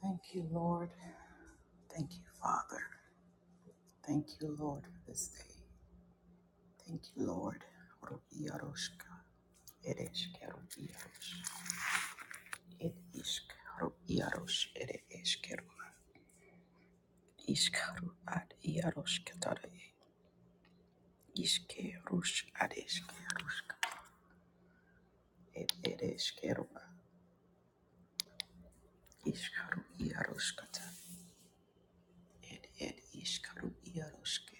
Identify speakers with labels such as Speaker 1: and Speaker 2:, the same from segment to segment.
Speaker 1: Thank you, Lord. Thank you, Father. Thank you, Lord, for this day. Thank you, Lord. Robiaroshka, ereshkerobiarosh, edishkerobiarosh, ereshkero, ishkaro ad iaroshketare, ishkerosh ad ishkeroshka, ed ereshkero, ishkaro iaroshkata, ed ed ishkaro iaroshke,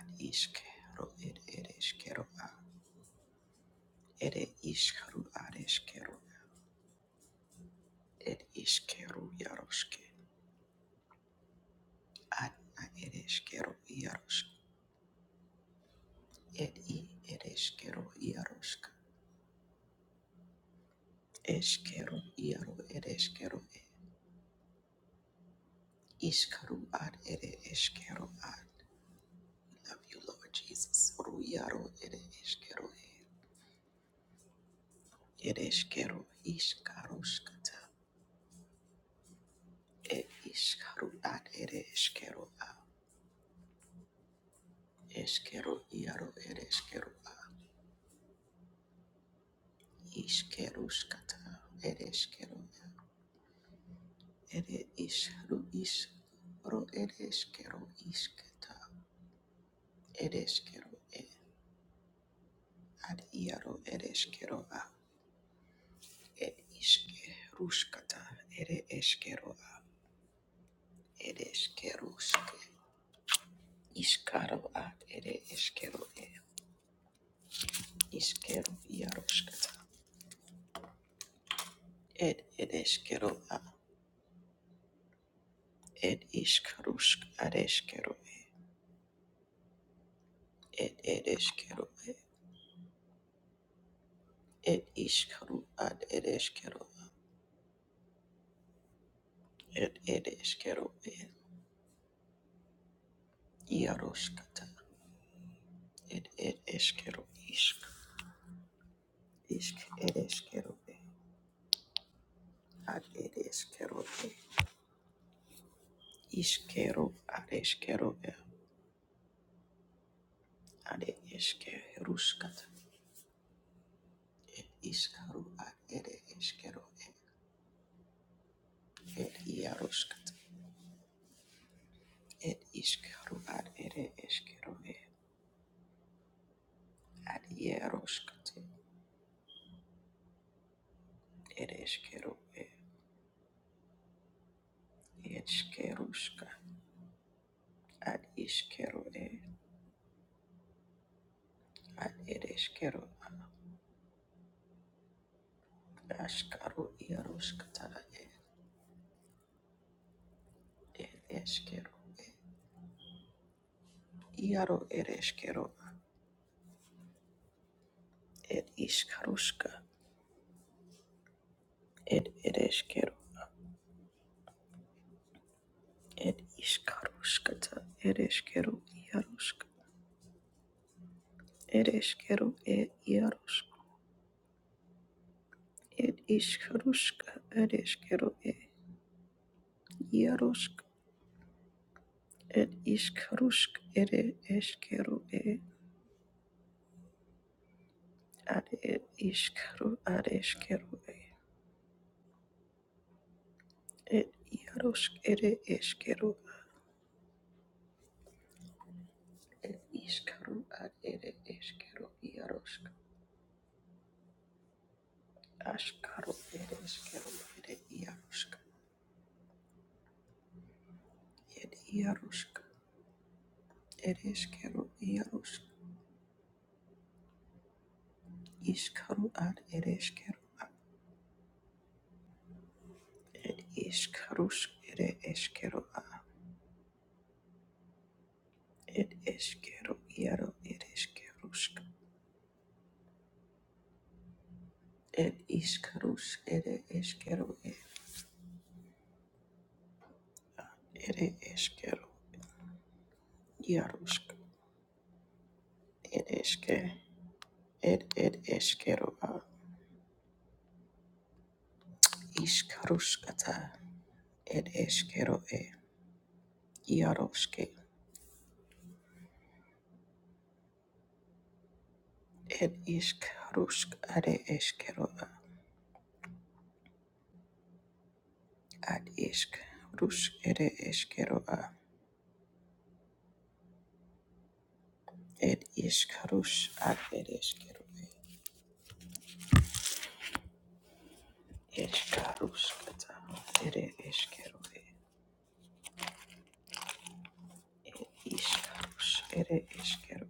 Speaker 1: ad ishkero, ed ereshkero, ere ishkaro areshkero, Ed ishkeru yaroshke. Adna ed ishkeru yaroshke. Ed i ed ishkeru yaroshke. Eshkeru yaru ed ishkeru e. Ishkaru ad ed ishkeru ad. Love you, Lord Jesus. Ru yaru ed ishkeru e. Ed ishkeru ishkaroshkata. Ed ishkaru ad ed ishkeru a. Eshkeru yaru ed ishkeru a. Ishkerushkata ed ishkeru Ere ishkaru ishkaru ereshkero ishketa ereshkero e ad iaro ereshkero a e ishke rushkata ere eshkero a ereshkerushke ishkaru ad ere eshkero e ishkeru iaroshkata ed ereshkero a ed ishkarushk areshkero e ed ereshkero e ed ishkaru ad ereshkero ed ereshkero e Yaroshkata Ed ed eskero isk isk ed eskero e ad ed eskero e iskero ad eskero e ad ed eske ruskat iskaru ad ed eskero e ed iaruskat ed iskaru ad ed eskero e ad iaruskat ed eskero e ed skeruska ad iskero e ad ed eskero ad askaru iaruskat ad ed eskero e Iaro ereshkero, et ishkarushka, et ereshkero, et ishkarushkata, ereshkero, iarushka, ereshkero, e iarushk, et ishkarushka, ereshkero, e iarushk, Ed ishkarushk, ere eshkero, e ad et ishkaru, ad eshkero, e et iarushk, ere eshkero, et ishkaru, ad ere eshkero, iarushk. Ashkaru ereshkero ere iarushka ere iarushka ereshkero iarushk ishkaru ad ereshkero ed ishkarushk ere eshkero a ed eshkero iaro ereshkerushk ed ishkarush ere eshkero e ere eshkero iarushk ed eshke ed ed eshkero a ishkarushkata ed eshkero e iaroshke Ed isk rusk are eskero a. Ad isk rusk ere eskero a. Ed ishk rus ad ere eskero e. Eshka ruskata ere eskero e. Ed ishk rus ere eskero.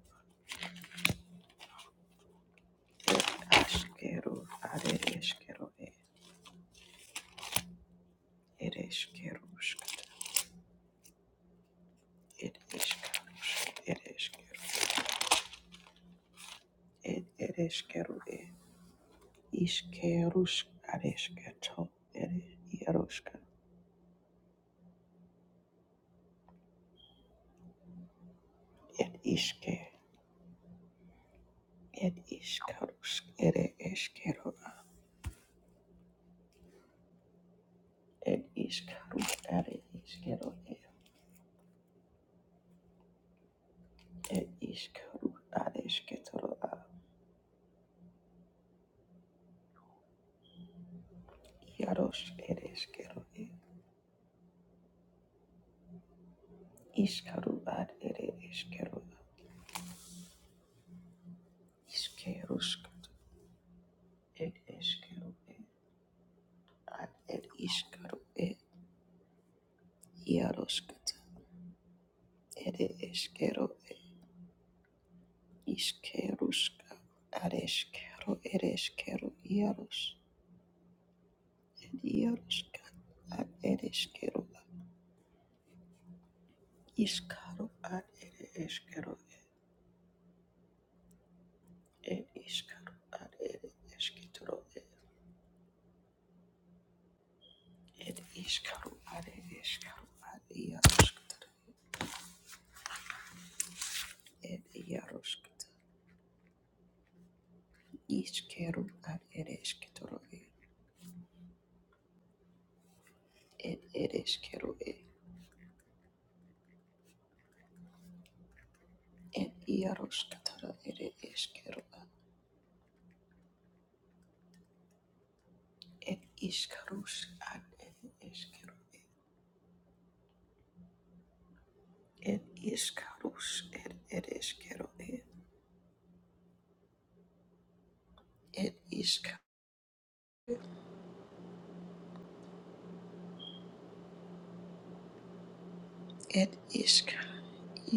Speaker 1: Ed askero are eskero e. Ed eskero ruskata. Ed ishk rus ere eskero. Ed ere eskero e. Ishke rusk are esketo ere iaruska. Et iske Ed Ishkarush Ere Eshkero Ed Ishkaru Are Ishkero Ed Ishkaru Are Eshketoro Iaros Ere Eshkero Ishkaru Ad Ere Eshkero Ishkerushkat Ed Eshkero Ad Ed Ishkaru E Yaroshkat Ere Eshkero Ishkerushka Are Eshkero Ere Eshkero Iaros. Ed Yaroshkat Ad Ere Eshkero Iskaro ad ere eshkero ed ishkaru ad ere eshketoro ed iskaro ad ere eshkaru ad yarushketoro ed yarushketoro ishkeru ad ere eshketoro ed ere eshkero ed yarushketoro ere eshkero ed ishkarush ad ere eshkero ed ishkarush ed ere eshkero ed ishkaru ed ishkaru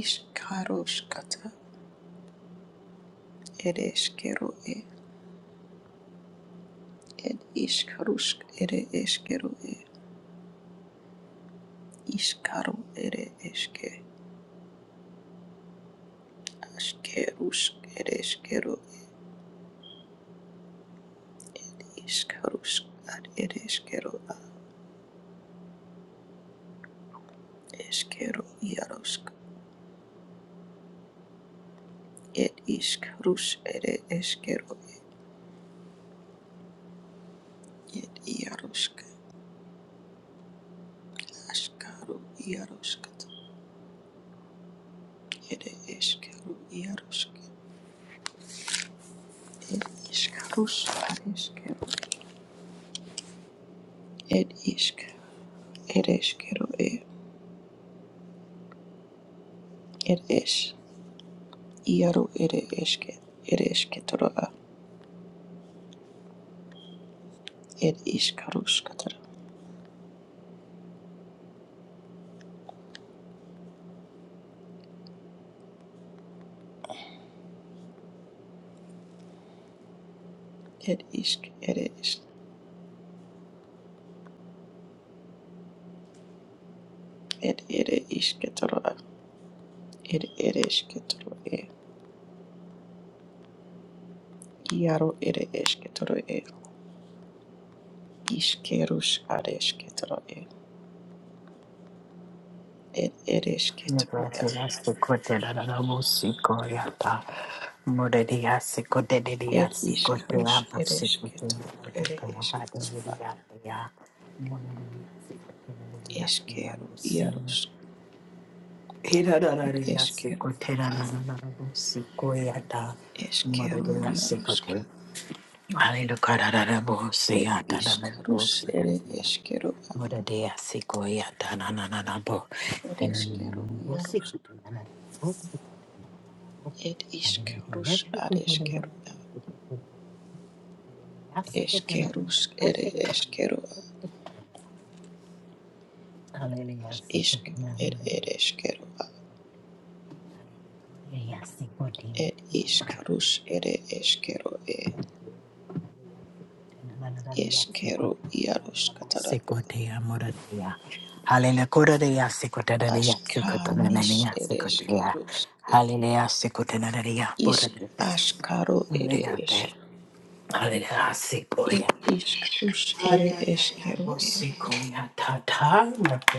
Speaker 1: Ishkaroshkata ere eskero e ed iskarusk ere eskero e iskaru ere eske askerusk ere eskero e iskarusk ad ere eskero a eskero iarusk ed iskarus ere eskero e ed iarusk askaru iarusk ere eskero iarusk ed iskarus ad eskero ed isk Eres quiero e eres Iaru ere eske ere esketoroa ed iskaruskatara ed isk ere esk ed ere isketoroa ed ere esketoro Iaru ere esketoro e iskerus are esketoro e ed ere esketoro
Speaker 2: Brasilia
Speaker 1: e
Speaker 2: sikote da da da mo sikoyata. Morelia sikote delia
Speaker 1: ed
Speaker 2: sikote
Speaker 1: iskarus
Speaker 2: abo
Speaker 1: ere
Speaker 2: sikote
Speaker 1: esketo
Speaker 2: mote
Speaker 1: ere
Speaker 2: kamahade
Speaker 1: esketoroa
Speaker 2: delia ya. Morelia sikote delia ya
Speaker 1: eskero
Speaker 2: mo sin.
Speaker 1: iarus
Speaker 2: Hira da da
Speaker 1: ed
Speaker 2: delia
Speaker 1: eskero
Speaker 2: sikote
Speaker 1: a
Speaker 2: da da da da mo sikoyata.
Speaker 1: eskero
Speaker 2: Morelia
Speaker 1: iaruske
Speaker 2: sikote. Hallelujah. da da da mo
Speaker 1: ed
Speaker 2: siyata da da da mo
Speaker 1: iskarus ere
Speaker 2: sikote.
Speaker 1: eskero
Speaker 2: Mora dea sikoya tanananabo.
Speaker 1: ir išskyrų
Speaker 2: Enananabo
Speaker 1: vyrus
Speaker 2: sikotananabo sikotananabo.
Speaker 1: ir
Speaker 2: Hallelujah
Speaker 1: išskyrus
Speaker 2: na
Speaker 1: ar
Speaker 2: sikotananabo.
Speaker 1: išskyrų
Speaker 2: Hallelujah sikotananabo
Speaker 1: išskyrus
Speaker 2: sikotananabo
Speaker 1: ir išskyrų
Speaker 2: sikotananabo. Hallelujah
Speaker 1: ar išk ir
Speaker 2: sikotananabo
Speaker 1: ir
Speaker 2: sikotananabo.
Speaker 1: išskyrų
Speaker 2: Hallelujah
Speaker 1: ir
Speaker 2: sikotananabo.
Speaker 1: išskyrus eskeru išskyrų
Speaker 2: Hallelujah. Ega,
Speaker 1: Eskeru iarusk vyrus katara aškanis ir išskyrus išk aškaru ir išk ed išskyrus ir išskyrų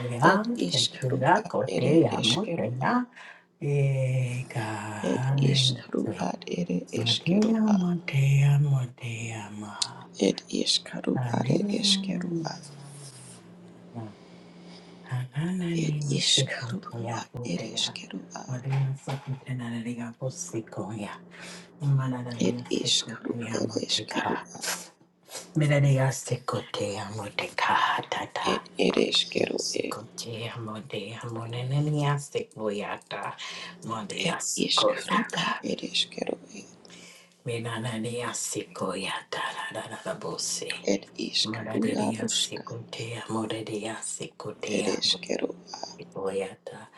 Speaker 1: ir išskyrų ar eskeru išskyrų Ed
Speaker 2: hallelujah.
Speaker 1: ishkaru ad ere eshkeru ad.
Speaker 2: Matea, matea, matea, ma.
Speaker 1: Ed ishkaru ad eshkeru ad. Ed ishkaru ad ere eshkeru ad. Ed ishkaru ad eshkeru
Speaker 2: Mondeasikoyata,
Speaker 1: ad. Ed ere eshkeru ed. Ed ishkaru ad ere eshkeru ed.
Speaker 2: Menananiasikoyata, da da da da, bossy.
Speaker 1: Ed ishkaru
Speaker 2: Maradeya
Speaker 1: arushka
Speaker 2: sikotea, moredeya
Speaker 1: ere
Speaker 2: sikotea,
Speaker 1: eshkeru ad.
Speaker 2: sikoyata,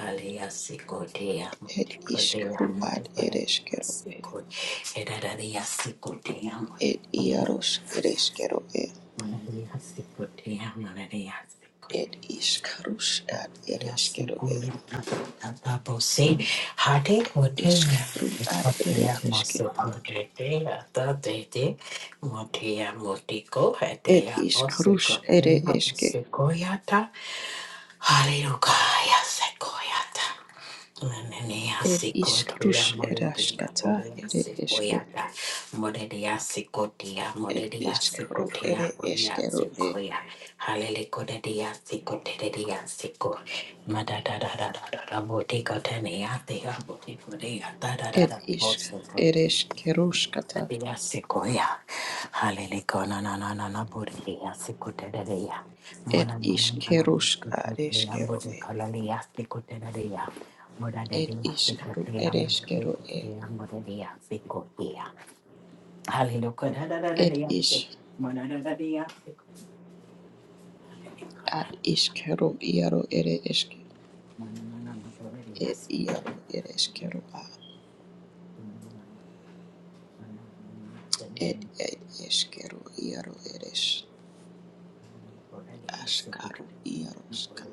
Speaker 2: alia sikotea,
Speaker 1: Ed
Speaker 2: sikotea,
Speaker 1: ishkaru ad ere
Speaker 2: moredeya
Speaker 1: eshkeru ed.
Speaker 2: sikotea, edadeya sikotea,
Speaker 1: Ed iarush ere eshkeru ed.
Speaker 2: moredeya sikotea, moredeya sikotea.
Speaker 1: Ed ishkarush ad ere
Speaker 2: Hallelujah.
Speaker 1: eshkeru ed. Ishkaru ad ere eske. Ed ishkarush ere eske.
Speaker 2: Nananea
Speaker 1: Ed
Speaker 2: sikotea
Speaker 1: ishkarush ere
Speaker 2: moledia
Speaker 1: ashkata
Speaker 2: bolea
Speaker 1: ere eske.
Speaker 2: sikoyata moledia sikotea
Speaker 1: Ed
Speaker 2: moledia
Speaker 1: ishkaru ere
Speaker 2: sikotea bolea
Speaker 1: eskeru e.
Speaker 2: sikoya halele kodedia sikotedia siko madadadadadada botika tenea tea botikodea
Speaker 1: Ed
Speaker 2: dadadada
Speaker 1: ishk ere eskerushkata.
Speaker 2: Dia sikoya. Halele kona na na na na buria sikutereya.
Speaker 1: Ed
Speaker 2: Mona na na na na
Speaker 1: ishkerushk ad
Speaker 2: sikoteya
Speaker 1: eskeru
Speaker 2: mode
Speaker 1: e.
Speaker 2: kalalia sikutereya. Moda
Speaker 1: Ed
Speaker 2: dedia
Speaker 1: ishkaru
Speaker 2: sikoteya
Speaker 1: ere
Speaker 2: mode
Speaker 1: eskeru e.
Speaker 2: sikoteya mode dia sikoteya. Halele kona na na na
Speaker 1: Ed
Speaker 2: dia sik.
Speaker 1: ish
Speaker 2: Mona na na dia sik. Halele kona
Speaker 1: ad ishkeru iaro ere eske.
Speaker 2: na na na na na buria
Speaker 1: Ed
Speaker 2: sik.
Speaker 1: iaro
Speaker 2: Mona
Speaker 1: ere
Speaker 2: na
Speaker 1: eskeru a.
Speaker 2: na na na buria
Speaker 1: Ed ed eskeru iaro eres. Ashkaru
Speaker 2: sikuteya.
Speaker 1: Yaroska.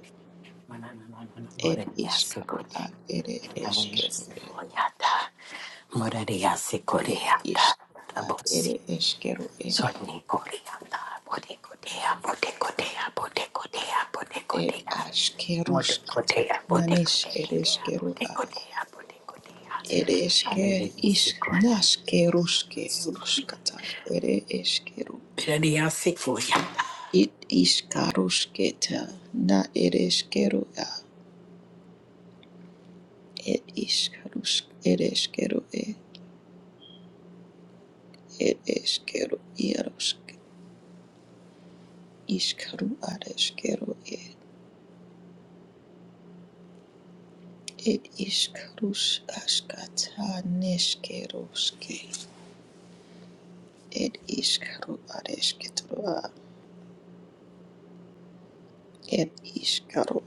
Speaker 1: Ed Ishkaru ad Ere Eskeru Ed. Ed Ishkaru ad Ere Eskeru Ed. Ed Ashkeruskata. Nanish Ed Eskeru ad. Ere Eske Ish Naskeruske Ruskata. Ere Eskeru.
Speaker 2: Hallelujah.
Speaker 1: It Ishkarusketa. Na Ere Eskeru ad. Ed Ishkarusk Ere Eskeru Ed. Ed Eskeru Yaroska. Ishkaru ad Eskeru Ed. It is Karush Ashkata Neshkeroske. It is Karu Areshketroa. It is Karu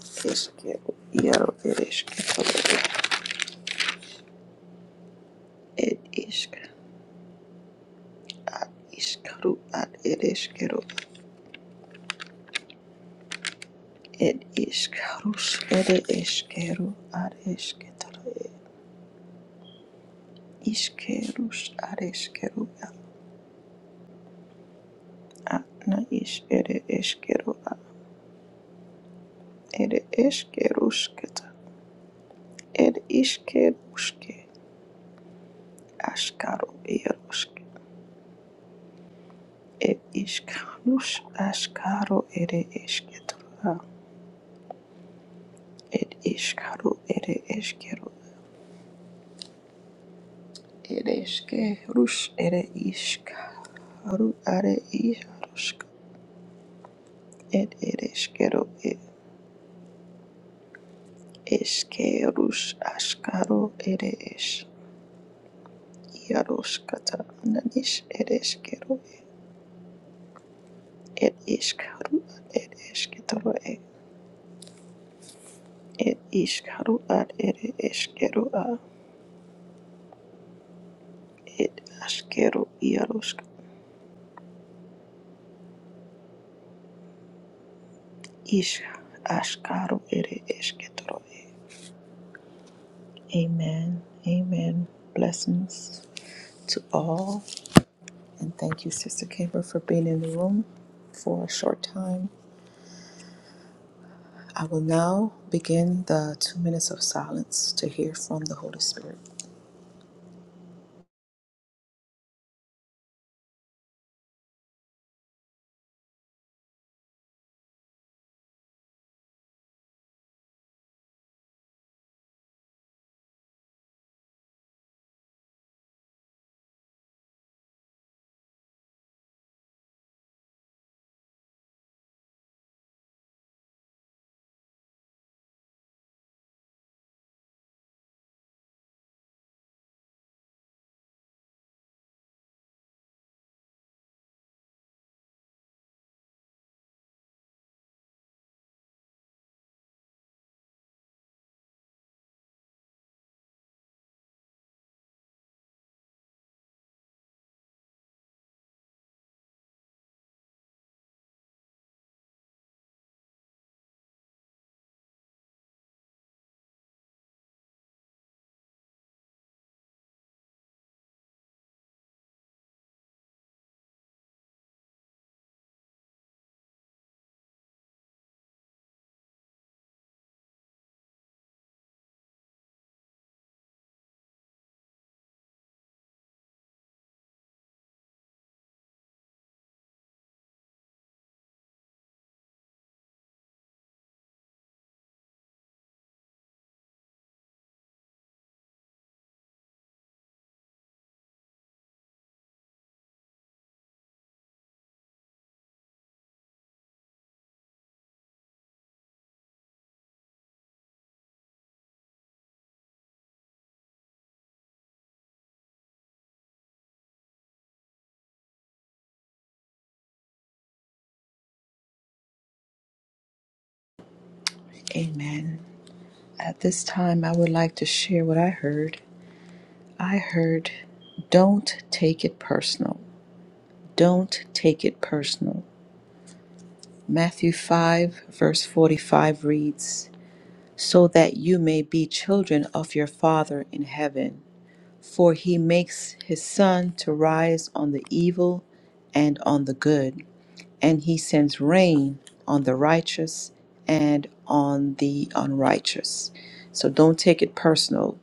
Speaker 1: Eskero Yaro Ereshketroa. It is is Karu Ad Ereshkero. It is Karush Ere Eskero Areshketroa. Iskerush Areshkeroa. Atna is Ere Eskeroa. Ere Eskerusketa. Ed Iskeruske. Ashkaro Yarosk Ed Ishkarus Ashkaro Ere Esketora Ed Ishkaru Ere Eskero Ed Eskerus Ere Ishkaru Are Isharusk Ed Ere Eskero Ed Eskerus Ashkaro Ere Es iaroskata. Nanis Ere Eskero Ed Ishkaru Ed Esketoro Ed Ishkaru Ere Eskero ed askero iarosk ish ashkaro ere esketoro e. Amen. Amen. Blessings to all. And thank you, Sister Caper, for being in the room for a short time. I will now begin the two minutes of silence to hear from the Holy Spirit. Amen. At this time, I would like to share what I heard. I heard, don't take it personal. Don't take it personal. Matthew 5, verse 45 reads, So that you may be children of your Father in heaven for he makes his sun to rise on the evil and on the good, and he sends rain on the righteous and on the unrighteous. So don't take it personal.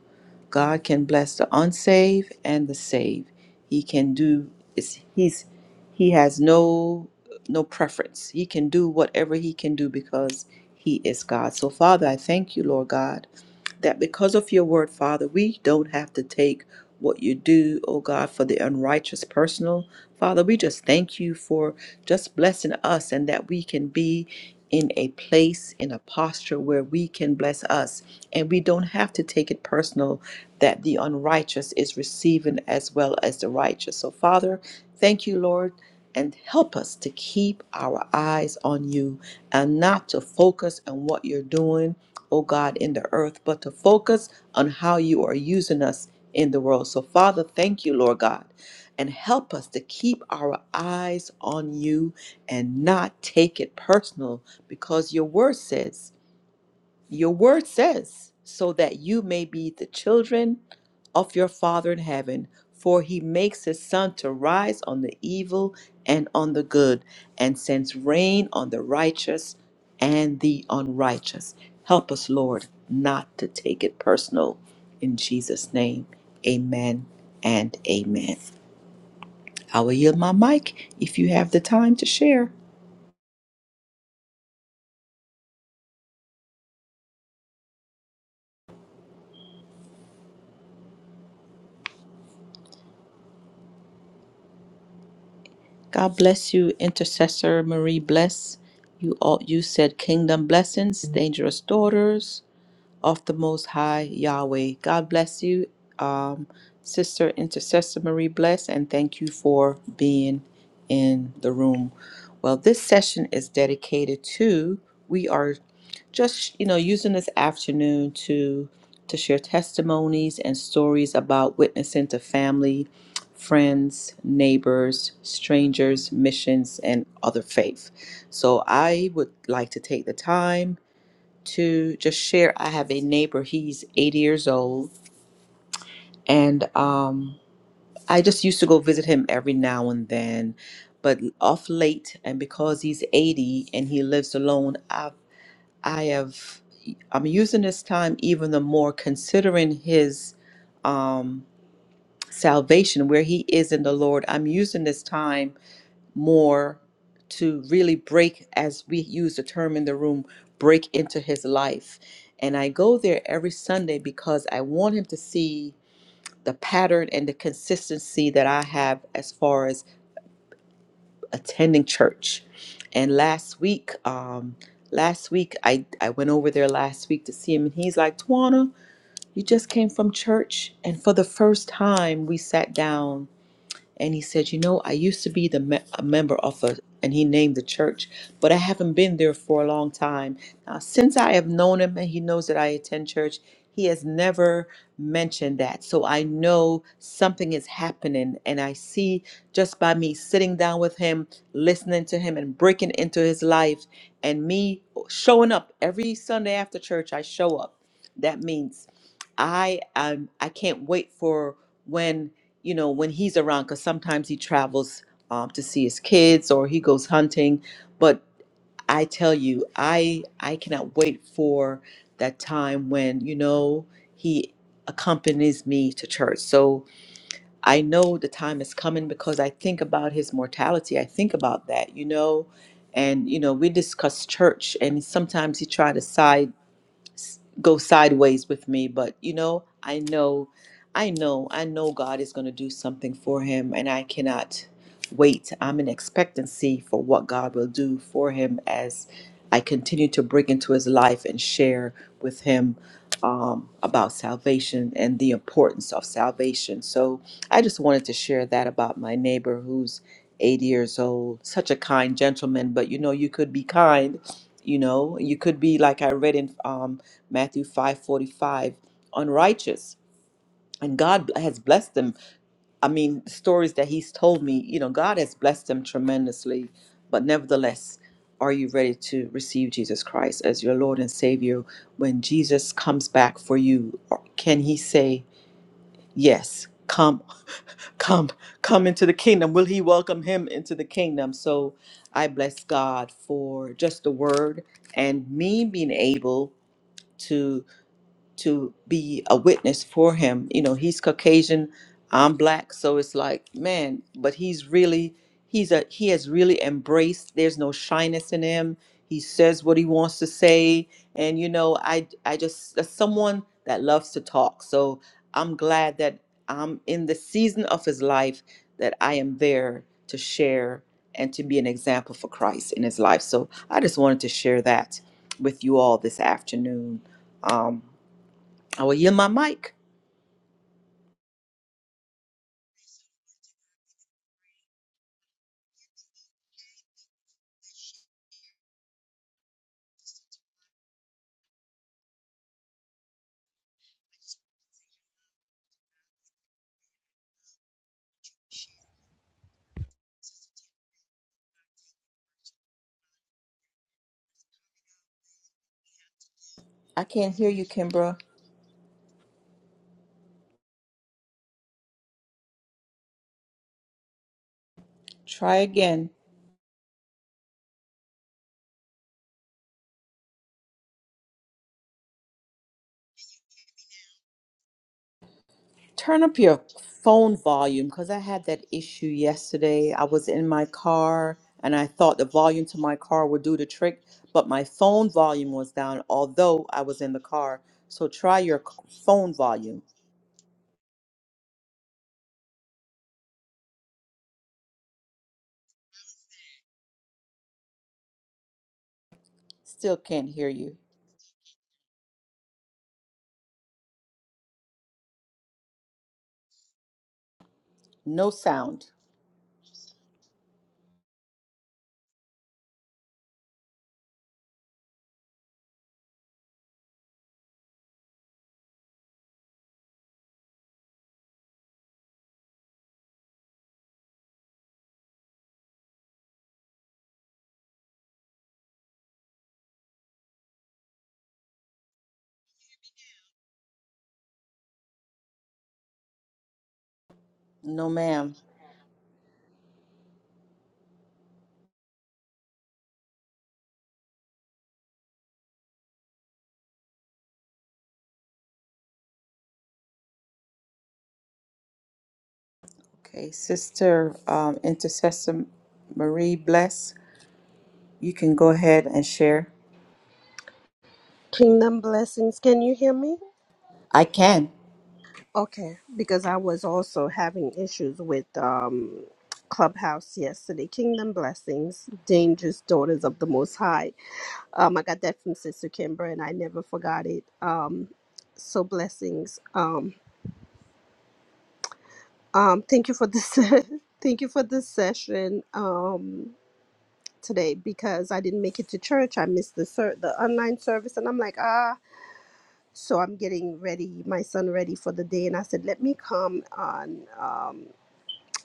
Speaker 1: God can bless the unsaved and the saved. He can do it's, he's he has no no preference. He can do whatever he can do because he is God. So Father, I thank you, Lord God, that because of your word, Father, we don't have to take what you do, oh God, for the unrighteous personal. Father, we just thank you for just blessing us and that we can be in a place, in a posture where we can bless us. And we don't have to take it personal that the unrighteous is receiving as well as the righteous. So, Father, thank you, Lord. And help us to keep our eyes on you and not to focus on what you're doing O God, in the earth, but to focus on how you are using us in the world. So, Father, thank you, Lord God, and help us to keep our eyes on you and not take it personal because your word says, your word says, so that you may be the children of your Father in heaven, for he makes his sun to rise on the evil and on the good, and sends rain on the righteous and the unrighteous. Help us, Lord, not to take it personal. In Jesus' name, amen and amen. I will yield my mic if you have the time to share. God bless you, intercessor Marie. Bless you all. You said kingdom blessings, dangerous daughters of the Most High Yahweh. God bless you, um, Sister Intercessor Marie Bless, and thank you for being in the room. Well, this session is dedicated to we are just you know using this afternoon to to share testimonies and stories about witnessing to family, friends, neighbors, strangers, missions, and other faith. So I would like to take the time to just share. I have a neighbor, he's 80 years old, and um, I just used to go visit him every now and then. But off late, and because he's 80 and he lives alone, I've, I have, I'm using this time even the more considering his um, salvation, where he is in the Lord. I'm using this time more to really break, as we use the term in the room, break into his life. And I go there every Sunday because I want him to see the pattern and the consistency that I have as far as attending church. And last week, um, last week I, I went over there last week to see him and he's like, Twana, you just came from church. And for the first time we sat down and he said, "You know, I used to be the me- a member of a," and he named the church, "but I haven't been there for a long time now. Since I have known him, and he knows that I attend church, he has never mentioned that. So I know something is happening, and I see just by me sitting down with him, listening to him, and breaking into his life, and me showing up every Sunday after church. I show up. That means I um I can't wait for when." you know, when he's around, because sometimes he travels um, to see his kids or he goes hunting. But I tell you, I I cannot wait for that time when you know he accompanies me to church. So I know the time is coming because I think about his mortality. I think about that, you know, and you know we discuss church, and sometimes he try to side s- go sideways with me but you know i know i know i know god is going to do something for him and i cannot wait i'm in expectancy for what god will do for him as i continue to break into his life and share with him um, about salvation and the importance of salvation so i just wanted to share that about my neighbor who's 80 years old such a kind gentleman but you know you could be kind you know you could be like i read in um, Matthew 5 45, unrighteous. And God has blessed them. I mean, stories that He's told me, you know, God has blessed them tremendously. But nevertheless, are you ready to receive Jesus Christ as your Lord and Savior? When Jesus comes back for you, or can He say, Yes, come, come, come into the kingdom? Will He welcome Him into the kingdom? So I bless God for just the word and me being able to. to be a witness for him. You know, he's Caucasian, I'm black, so it's like, man, but he's really he's a he has really embraced there's no shyness in him. He says what he wants to say and you know, I I just as someone that loves to talk. So I'm glad that I'm in the season of his life that I am there to share and to be an example for Christ in his life. So I just wanted to share that with you all this afternoon. Um, I will yield my mic. I can't hear you, Kimbra. Try again. Turn up your phone volume because I had that issue yesterday. I was in my car and I thought the volume to my car would do the trick, but my phone volume was down, although I was in the car. So try your c- phone volume. Still can't hear you. No sound. No, ma'am. Okay, Sister um, Intercessor Marie Bless, you can go ahead and share.
Speaker 3: Kingdom blessings. Can you hear me?
Speaker 1: I can.
Speaker 3: Okay, because I was also having issues with um, Clubhouse yesterday. Kingdom blessings, dangerous daughters of the Most High. Um, I got that from Sister Kimber, and I never forgot it. Um, so blessings. Um, um, thank you for this. thank you for this session um, today because I didn't make it to church. I missed the ser- the online service, and I'm like ah. so I'm getting ready, my son ready for the day, and I said, let me come on. Um,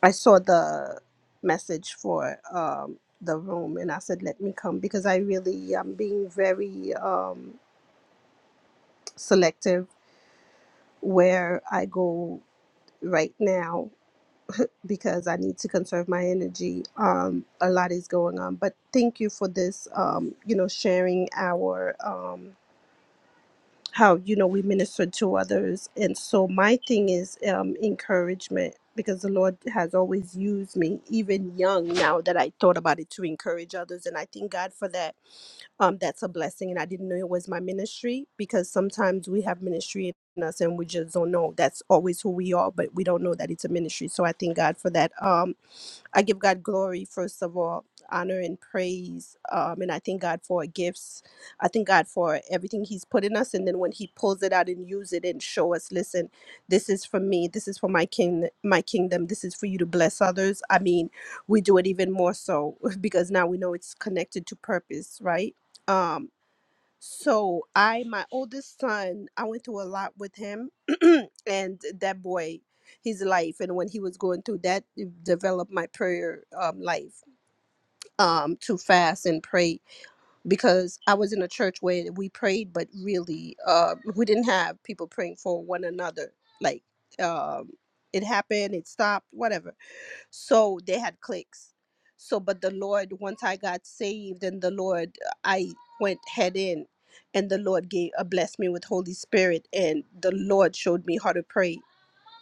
Speaker 3: I saw the message for um, the room, and I said, let me come because I really am being very um, selective where I go right now because I need to conserve my energy. Um, a lot is going on, but thank you for this. Um, you know, sharing our. Um, how you know we minister to others and so my thing is um encouragement because the lord has always used me even young now that i thought about it to encourage others and i thank god for that um that's a blessing and i didn't know it was my ministry because sometimes we have ministry in us and we just don't know that's always who we are but we don't know that it's a ministry so i thank god for that um I give God glory, first of all, honor and praise. Um, and I thank God for our gifts. I thank God for everything He's put in us. And then when He pulls it out and use it and show us, listen, this is for me. This is for my king, my kingdom. This is for you to bless others. I mean, we do it even more so because now we know it's connected to purpose, right? Um, so I, my oldest son, I went through a lot with him, and that boy, his life, and when he was going through that, it developed my prayer um, life um, to fast and pray because I was in a church where we prayed, but really, uh, we didn't have people praying for one another. Like um, it happened, it stopped, whatever so they had clicks so but the lord once i got saved and the lord uh, i went head in and the lord gave uh, blessed me with holy spirit and the lord showed me how to pray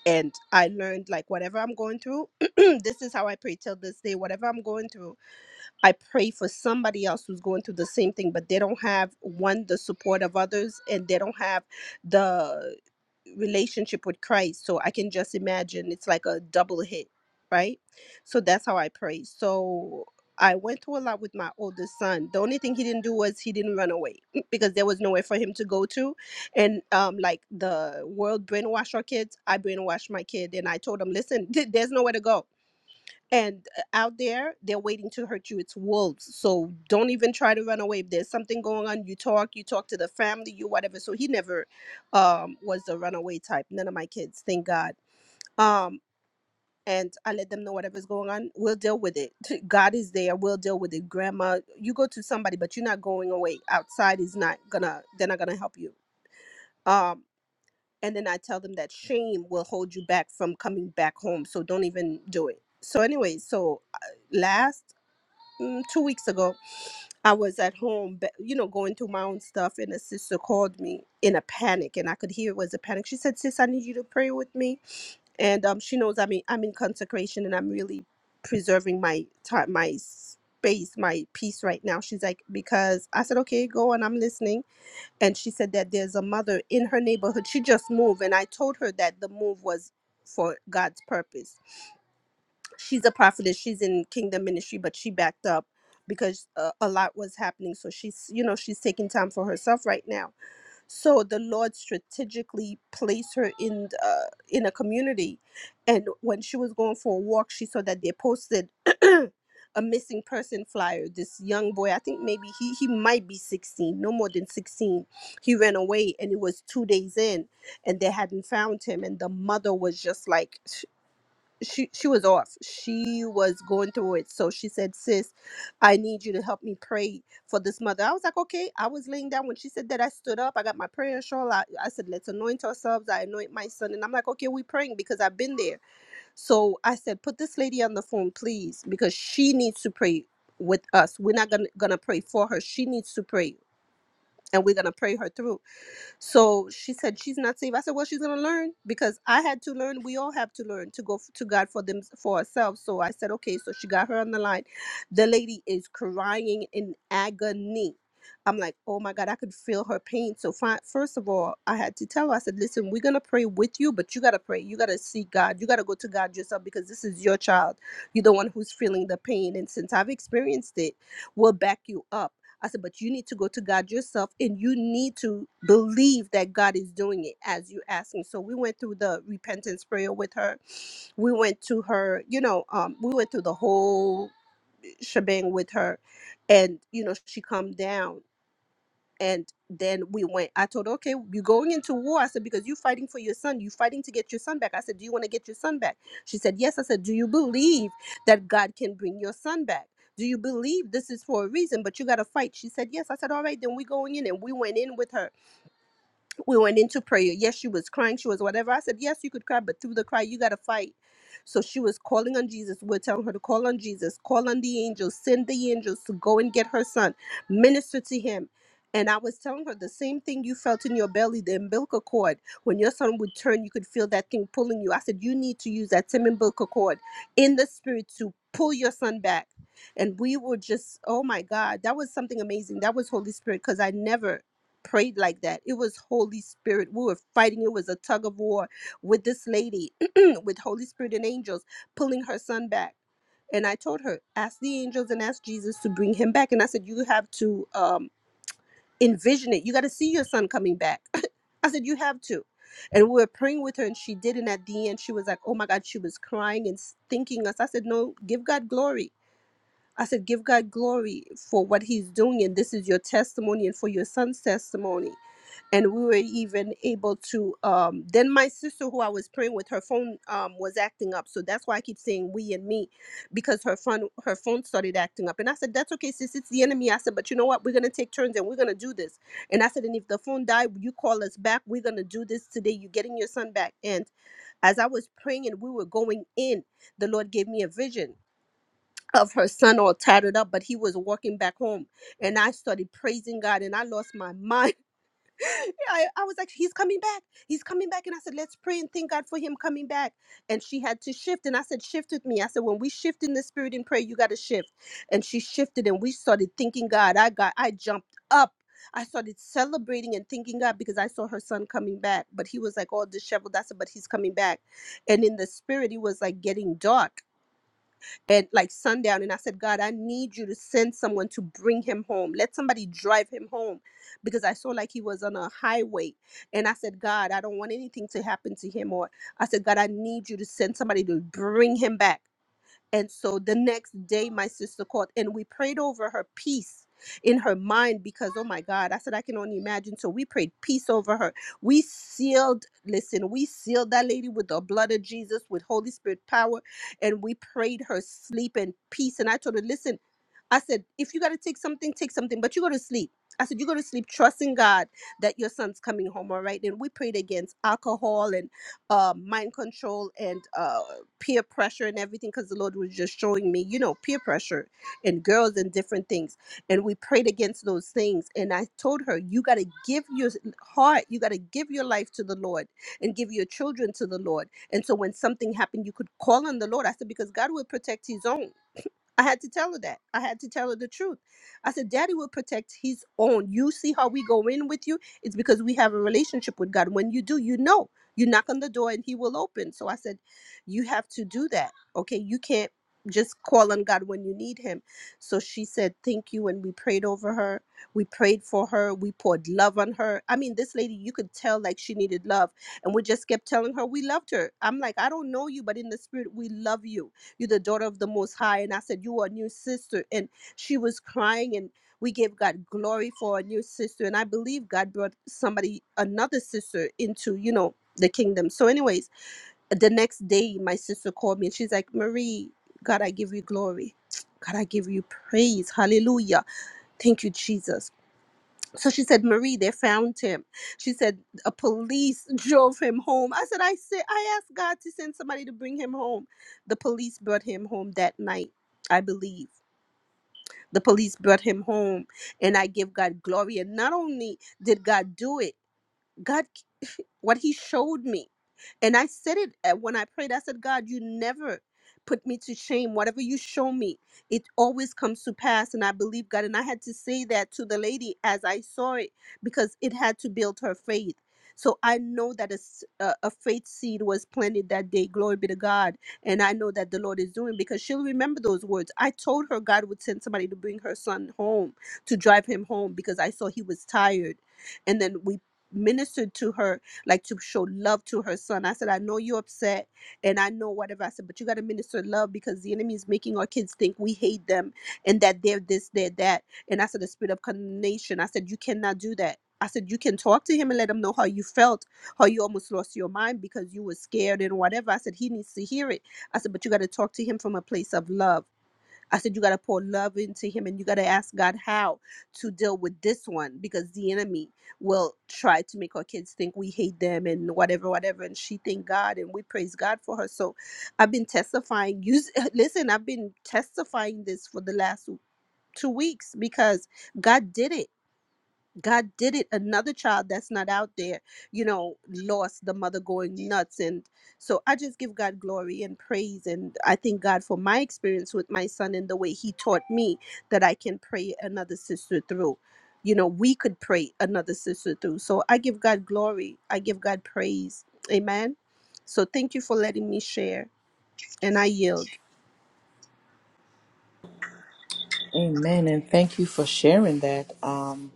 Speaker 3: and i learned like whatever i'm going through this is how i pray till this day whatever i'm going through I pray for somebody else who's going through the same thing, but they don't have one, the support of others, and they don't have the relationship with Christ. So I can just imagine it's like a double hit, right? So that's how I pray. So I went through a lot with my oldest son. The only thing he didn't do was he didn't run away because there was nowhere for him to go to. And um, like the world brainwash our kids, I brainwashed my kid and I told him, listen, there's nowhere to go and uh, out there they're waiting to hurt you it's wolves so don't even try to run away if there's something going on you talk you talk to the family you whatever so he never um was a runaway type none of my kids thank god um and i let them know whatever's going on we'll deal with it god is there we'll deal with it grandma you go to somebody but you're not going away outside is not gonna they're not gonna help you um and then i tell them that shame will hold you back from coming back home so don't even do it so anyway so uh, last mm, two weeks ago, I was at home, but, you know, going through my own stuff, and a sister called me in a panic, and I could hear it was a panic. She said, "Sis, I need you to pray with me," and um, she knows I'm in, I'm in consecration, and I'm really preserving my time, my space, my peace right now. She's like, because I said, "Okay, go," and I'm listening, and she said that there's a mother in her neighborhood. She just moved, and I told her that the move was for God's purpose she's a prophetess she's in kingdom ministry but she backed up because uh, a lot was happening so she's you know she's taking time for herself right now so the lord strategically placed her in uh, in a community and when she was going for a walk she saw that they posted a missing person flyer this young boy i think maybe he he might be 16 no more than 16 he ran away and it was two days in and they hadn't found him and the mother was just like she she was off. She was going through it. So she said, "Sis, I need you to help me pray for this mother." I was like, "Okay." I was laying down when she said that. I stood up. I got my prayer shawl. I, I said, "Let's anoint ourselves." I anoint my son, and I'm like, "Okay, we praying because I've been there." So I said, "Put this lady on the phone, please, because she needs to pray with us. We're not gonna gonna pray for her. She needs to pray, and we're gonna pray her through." So she said she's not safe. I said, well, she's gonna learn because I had to learn. We all have to learn to go f- to God for them for ourselves. So I said, okay. So she got her on the line. The lady is crying in agony. I'm like, oh my God, I could feel her pain. So fi- first of all, I had to tell her, I said, listen, we're gonna pray with you, but you gotta pray. You gotta seek God. You gotta go to God yourself because this is your child. You're the one who's feeling the pain. And since I've experienced it, we'll back you up I said, but you need to go to God yourself and you need to believe that God is doing it as you ask Him. So we went through the repentance prayer with her. We went to her, you know, um, we went through the whole shebang with her. And, you know, she calmed down and then we went i told her okay you're going into war i said because you're fighting for your son you're fighting to get your son back i said do you want to get your son back she said yes i said do you believe that god can bring your son back do you believe this is for a reason but you got to fight she said yes i said all right then we're going in and we went in with her we went into prayer. Yes, she was crying. She was whatever. I said, yes, you could cry, but through the cry, you got to fight. So she was calling on Jesus. We're telling her to call on Jesus, call on the angels, send the angels to go and get her son, minister to him. And I was telling her the same thing you felt in your belly, the umbilical cord. When your son would turn, you could feel that thing pulling you. I said, You need to use that same umbilical cord in the spirit to pull your son back. And we were just, oh my God, that was something amazing. That was Holy Spirit because I never prayed like that. It was Holy Spirit. We were fighting. It was a tug of war with this lady, with Holy Spirit and angels pulling her son back. And I told her, ask the angels and ask Jesus to bring him back. And I said, you have to um, envision it. You got to see your son coming back. I said, you have to. And we were praying with her, and she did. And at the end, she was like, oh my God, she was crying and thinking us. I said, no, give God glory. I said, give God glory for what he's doing. And this is your testimony and for your son's testimony and we were even able to um then my sister who i was praying with her phone um was acting up so that's why i keep saying we and me because her phone her phone started acting up and i said that's okay sis it's the enemy i said but you know what we're gonna take turns and we're gonna do this and i said and if the phone died you call us back we're gonna do this today you're getting your son back and as i was praying and we were going in the lord gave me a vision of her son all tattered up but he was walking back home and i started praising god and i lost my mind yeah, I, I was like, he's coming back. He's coming back. And I said, let's pray and thank God for him coming back. And she had to shift. And I said, shift with me. I said, when we shift in the spirit in prayer, you got to shift. And she shifted and we started thanking God. I got, I jumped up. I started celebrating and thanking God because I saw her son coming back. But he was like all disheveled. I said, but he's coming back. And in the spirit, it was like getting dark at like sundown and I said, God, I need you to send someone to bring him home. Let somebody drive him home because I saw like he was on a highway. And I said, God, I don't want anything to happen to him. Or I said, God, I need you to send somebody to bring him back. And so the next day, my sister called and we prayed over her peace in her mind because, oh my God, I said, I can only imagine. So we prayed peace over her. We sealed, listen, we sealed that lady with the blood of Jesus, with Holy Spirit power, and we prayed her sleep and peace. And I told her, listen, I said, if you got to take something, take something, but you go to sleep. I said, you go to sleep, trusting God that your son's coming home, all right? And we prayed against alcohol and uh, mind control and uh, peer pressure and everything because the Lord was just showing me, you know, peer pressure and girls and different things. And we prayed against those things. And I told her, you got to give your heart, you got to give your life to the Lord and give your children to the Lord. And so when something happened, you could call on the Lord. I said, because God will protect his own. I had to tell her that. I had to tell her the truth. I said, Daddy will protect his own. You see how we go in with you? It's because we have a relationship with God. When you do, you know. You knock on the door and he will open. So I said, You have to do that. Okay. You can't just call on God when you need him. So she said, Thank you. And we prayed over her. We prayed for her. We poured love on her. I mean, this lady, you could tell like she needed love. And we just kept telling her we loved her. I'm like, I don't know you, but in the spirit, we love you you're the daughter of the Most High. And I said, You are a new sister. And she was crying, and we gave God glory for a new sister. And I believe God brought somebody, another sister, into, you know, the kingdom. So, anyways, the next day, my sister called me and she's like, Marie, God, I give you glory. God, I give you praise. Hallelujah. Thank you, Jesus. So she said, Marie, they found him. She said, a police drove him home. I said, I said, I asked God to send somebody to bring him home. The police brought him home that night, I believe. The police brought him home, and I give God glory. And not only did God do it, God what he showed me. And I said it uh, when I prayed. I said, God, you never put me to shame. Whatever you show me, it always comes to pass. And I believe God. And I had to say that to the lady as I saw it because it had to build her faith. So I know that a, s- a- a faith seed was planted that day. Glory be to God. And I know that the Lord is doing because she'll remember those words. I told her God would send somebody to bring her son home, to drive him home because I saw he was tired. And then we ministered to her like to show love to her son. I said, I know you're upset and I know whatever. I said, but you got to minister love because the enemy is making our kids think we hate them and that they're this, they're that. And I said, the spirit of condemnation. I said, you cannot do that. I said, you can talk to him and let him know how you felt, how you almost lost your mind because you were scared and whatever. I said, he needs to hear it. I said, but you got to talk to him from a place of love. I said, you got to pour love into him and you got to ask God how to deal with this one because the enemy will try to make our kids think we hate them and whatever, whatever. And she thanked God and we praise God for her. So I've been testifying. Use, listen, I've been testifying this for the last two weeks because God did it. God did it. Another child that's not out there, you know, lost the mother going nuts. And so I just give God glory and praise. And I thank God for my experience with my son and the way he taught me that I can pray another sister through. You know, we could pray another sister through. So I give God glory. I give God praise. Amen. So thank you for letting me share. And I yield.
Speaker 1: Amen. And thank you for sharing that. Um,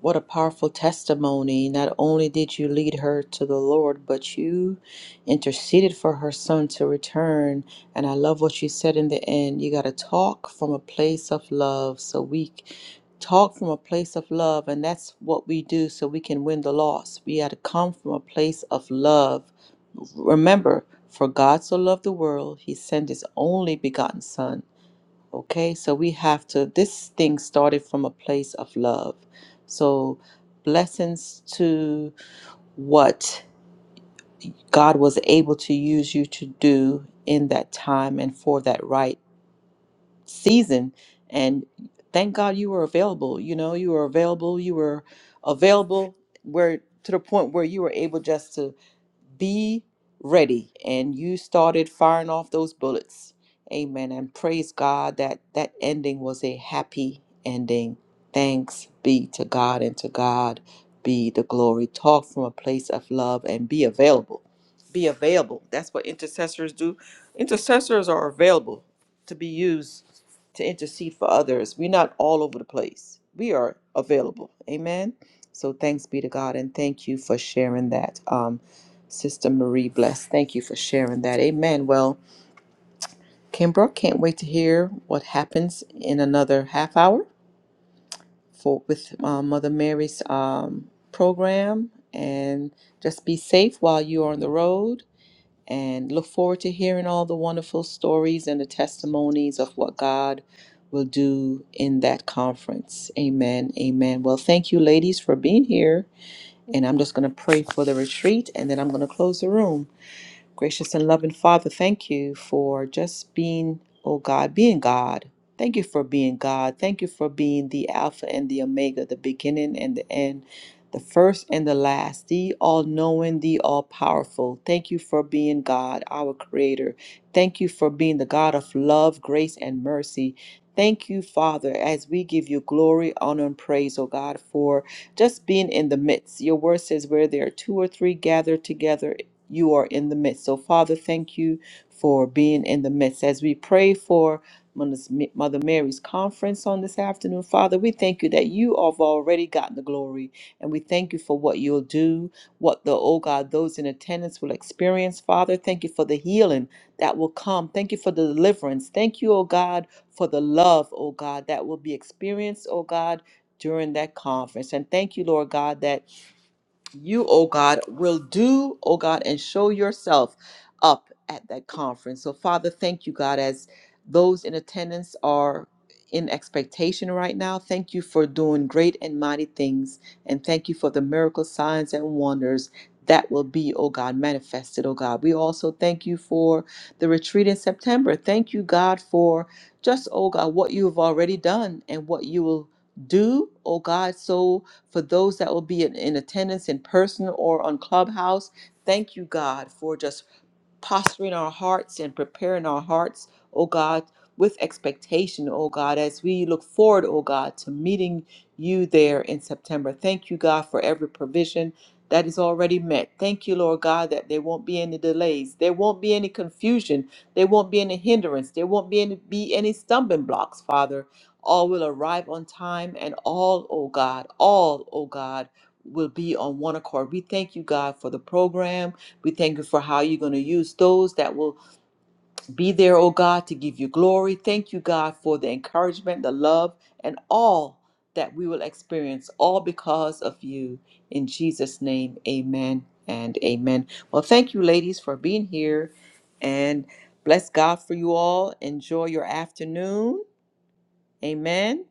Speaker 1: what a powerful testimony. Not only did you lead her to the Lord, but you interceded for her son to return. And I love what you said in the end. You got to talk from a place of love. So we talk from a place of love, and that's what we do so we can win the loss. We got to come from a place of love. Remember, for God so loved the world, he sent his only begotten son Okay, so we have to, this thing started from a place of love. So, blessings to what God was able to use you to do in that time and for that right season. And thank God you were available. You know, you were available. You were available where to the point where you were able just to be ready and you started firing off those bullets amen and praise god that that ending was a happy ending thanks be to god and to god be the glory talk from a place of love and be available be available that's what intercessors do intercessors are available to be used to intercede for others we're not all over the place we are available amen so thanks be to god and thank you for sharing that Um. Sister Marie Bless. Thank you for sharing that. Amen. Well, Kimbra, can't wait to hear what happens in another half hour for with uh, Mother Mary's um, program. And just be safe while you are on the road. And look forward to hearing all the wonderful stories and the testimonies of what God will do in that conference. Amen. Amen. Well, thank you, ladies, for being here. And I'm just going to pray for the retreat and then I'm going to close the room. Gracious and loving Father, thank you for just being, oh God, being God. Thank you for being God. Thank you for being the Alpha and the Omega, the beginning and the end, the first and the last, the all knowing, the all powerful. Thank you for being God, our Creator. Thank you for being the God of love, grace, and mercy. Thank you, Father, as we give you glory, honor, and praise, oh God, for just being in the midst. Your word says, Where there are two or three gathered together you are in the midst. So, Father, thank you for being in the midst. As we pray for Mother Mary's conference on this afternoon, Father, we thank you that you have already gotten the glory. And we thank you for what you'll do, what the, oh God, those in attendance will experience. Father, thank you for the healing that will come. Thank you for the deliverance. Thank you, oh God, for the love, oh God, that will be experienced, oh God. During that conference. And thank you, Lord God, that you, oh God, will do, oh God, and show yourself up at that conference. So, Father, thank you, God, as those in attendance are in expectation right now. Thank you for doing great and mighty things. And thank you for the miracle signs and wonders that will be, oh God, manifested, oh God. We also thank you for the retreat in September. Thank you, God, for just, oh God, what you have already done and what you will do, oh God. So, for those that will be in, in attendance in person or on Clubhouse. Thank you, God, for just posturing our hearts and preparing our hearts, O God, with expectation, O God, as we look forward, O God, to meeting you there in September. Thank you, God, for every provision that is already met. Thank you, Lord God, that there won't be any delays. There won't be any confusion. There won't be any hindrance. There won't be any, be any stumbling blocks, Father. All will arrive on time and all, O God, all, O God, will be on one accord. We thank you, God, for the program. We thank you for how you're going to use those that will be there, oh God, to give you glory. Thank you, God, for the encouragement, the love, and all that we will experience, all because of you. In Jesus' name, amen and amen. Well, thank you, ladies, for being here. And bless God for you all. Enjoy your afternoon. Amen.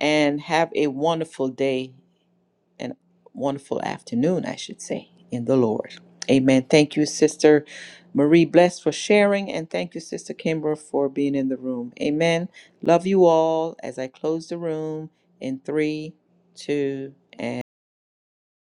Speaker 1: And have a wonderful day and wonderful afternoon, I should say, in the Lord. Amen. Thank you, Sister Marie Bless, for sharing, and thank you, Sister Kimber, for being in the room. Amen. Love you all as I close the room in three, two,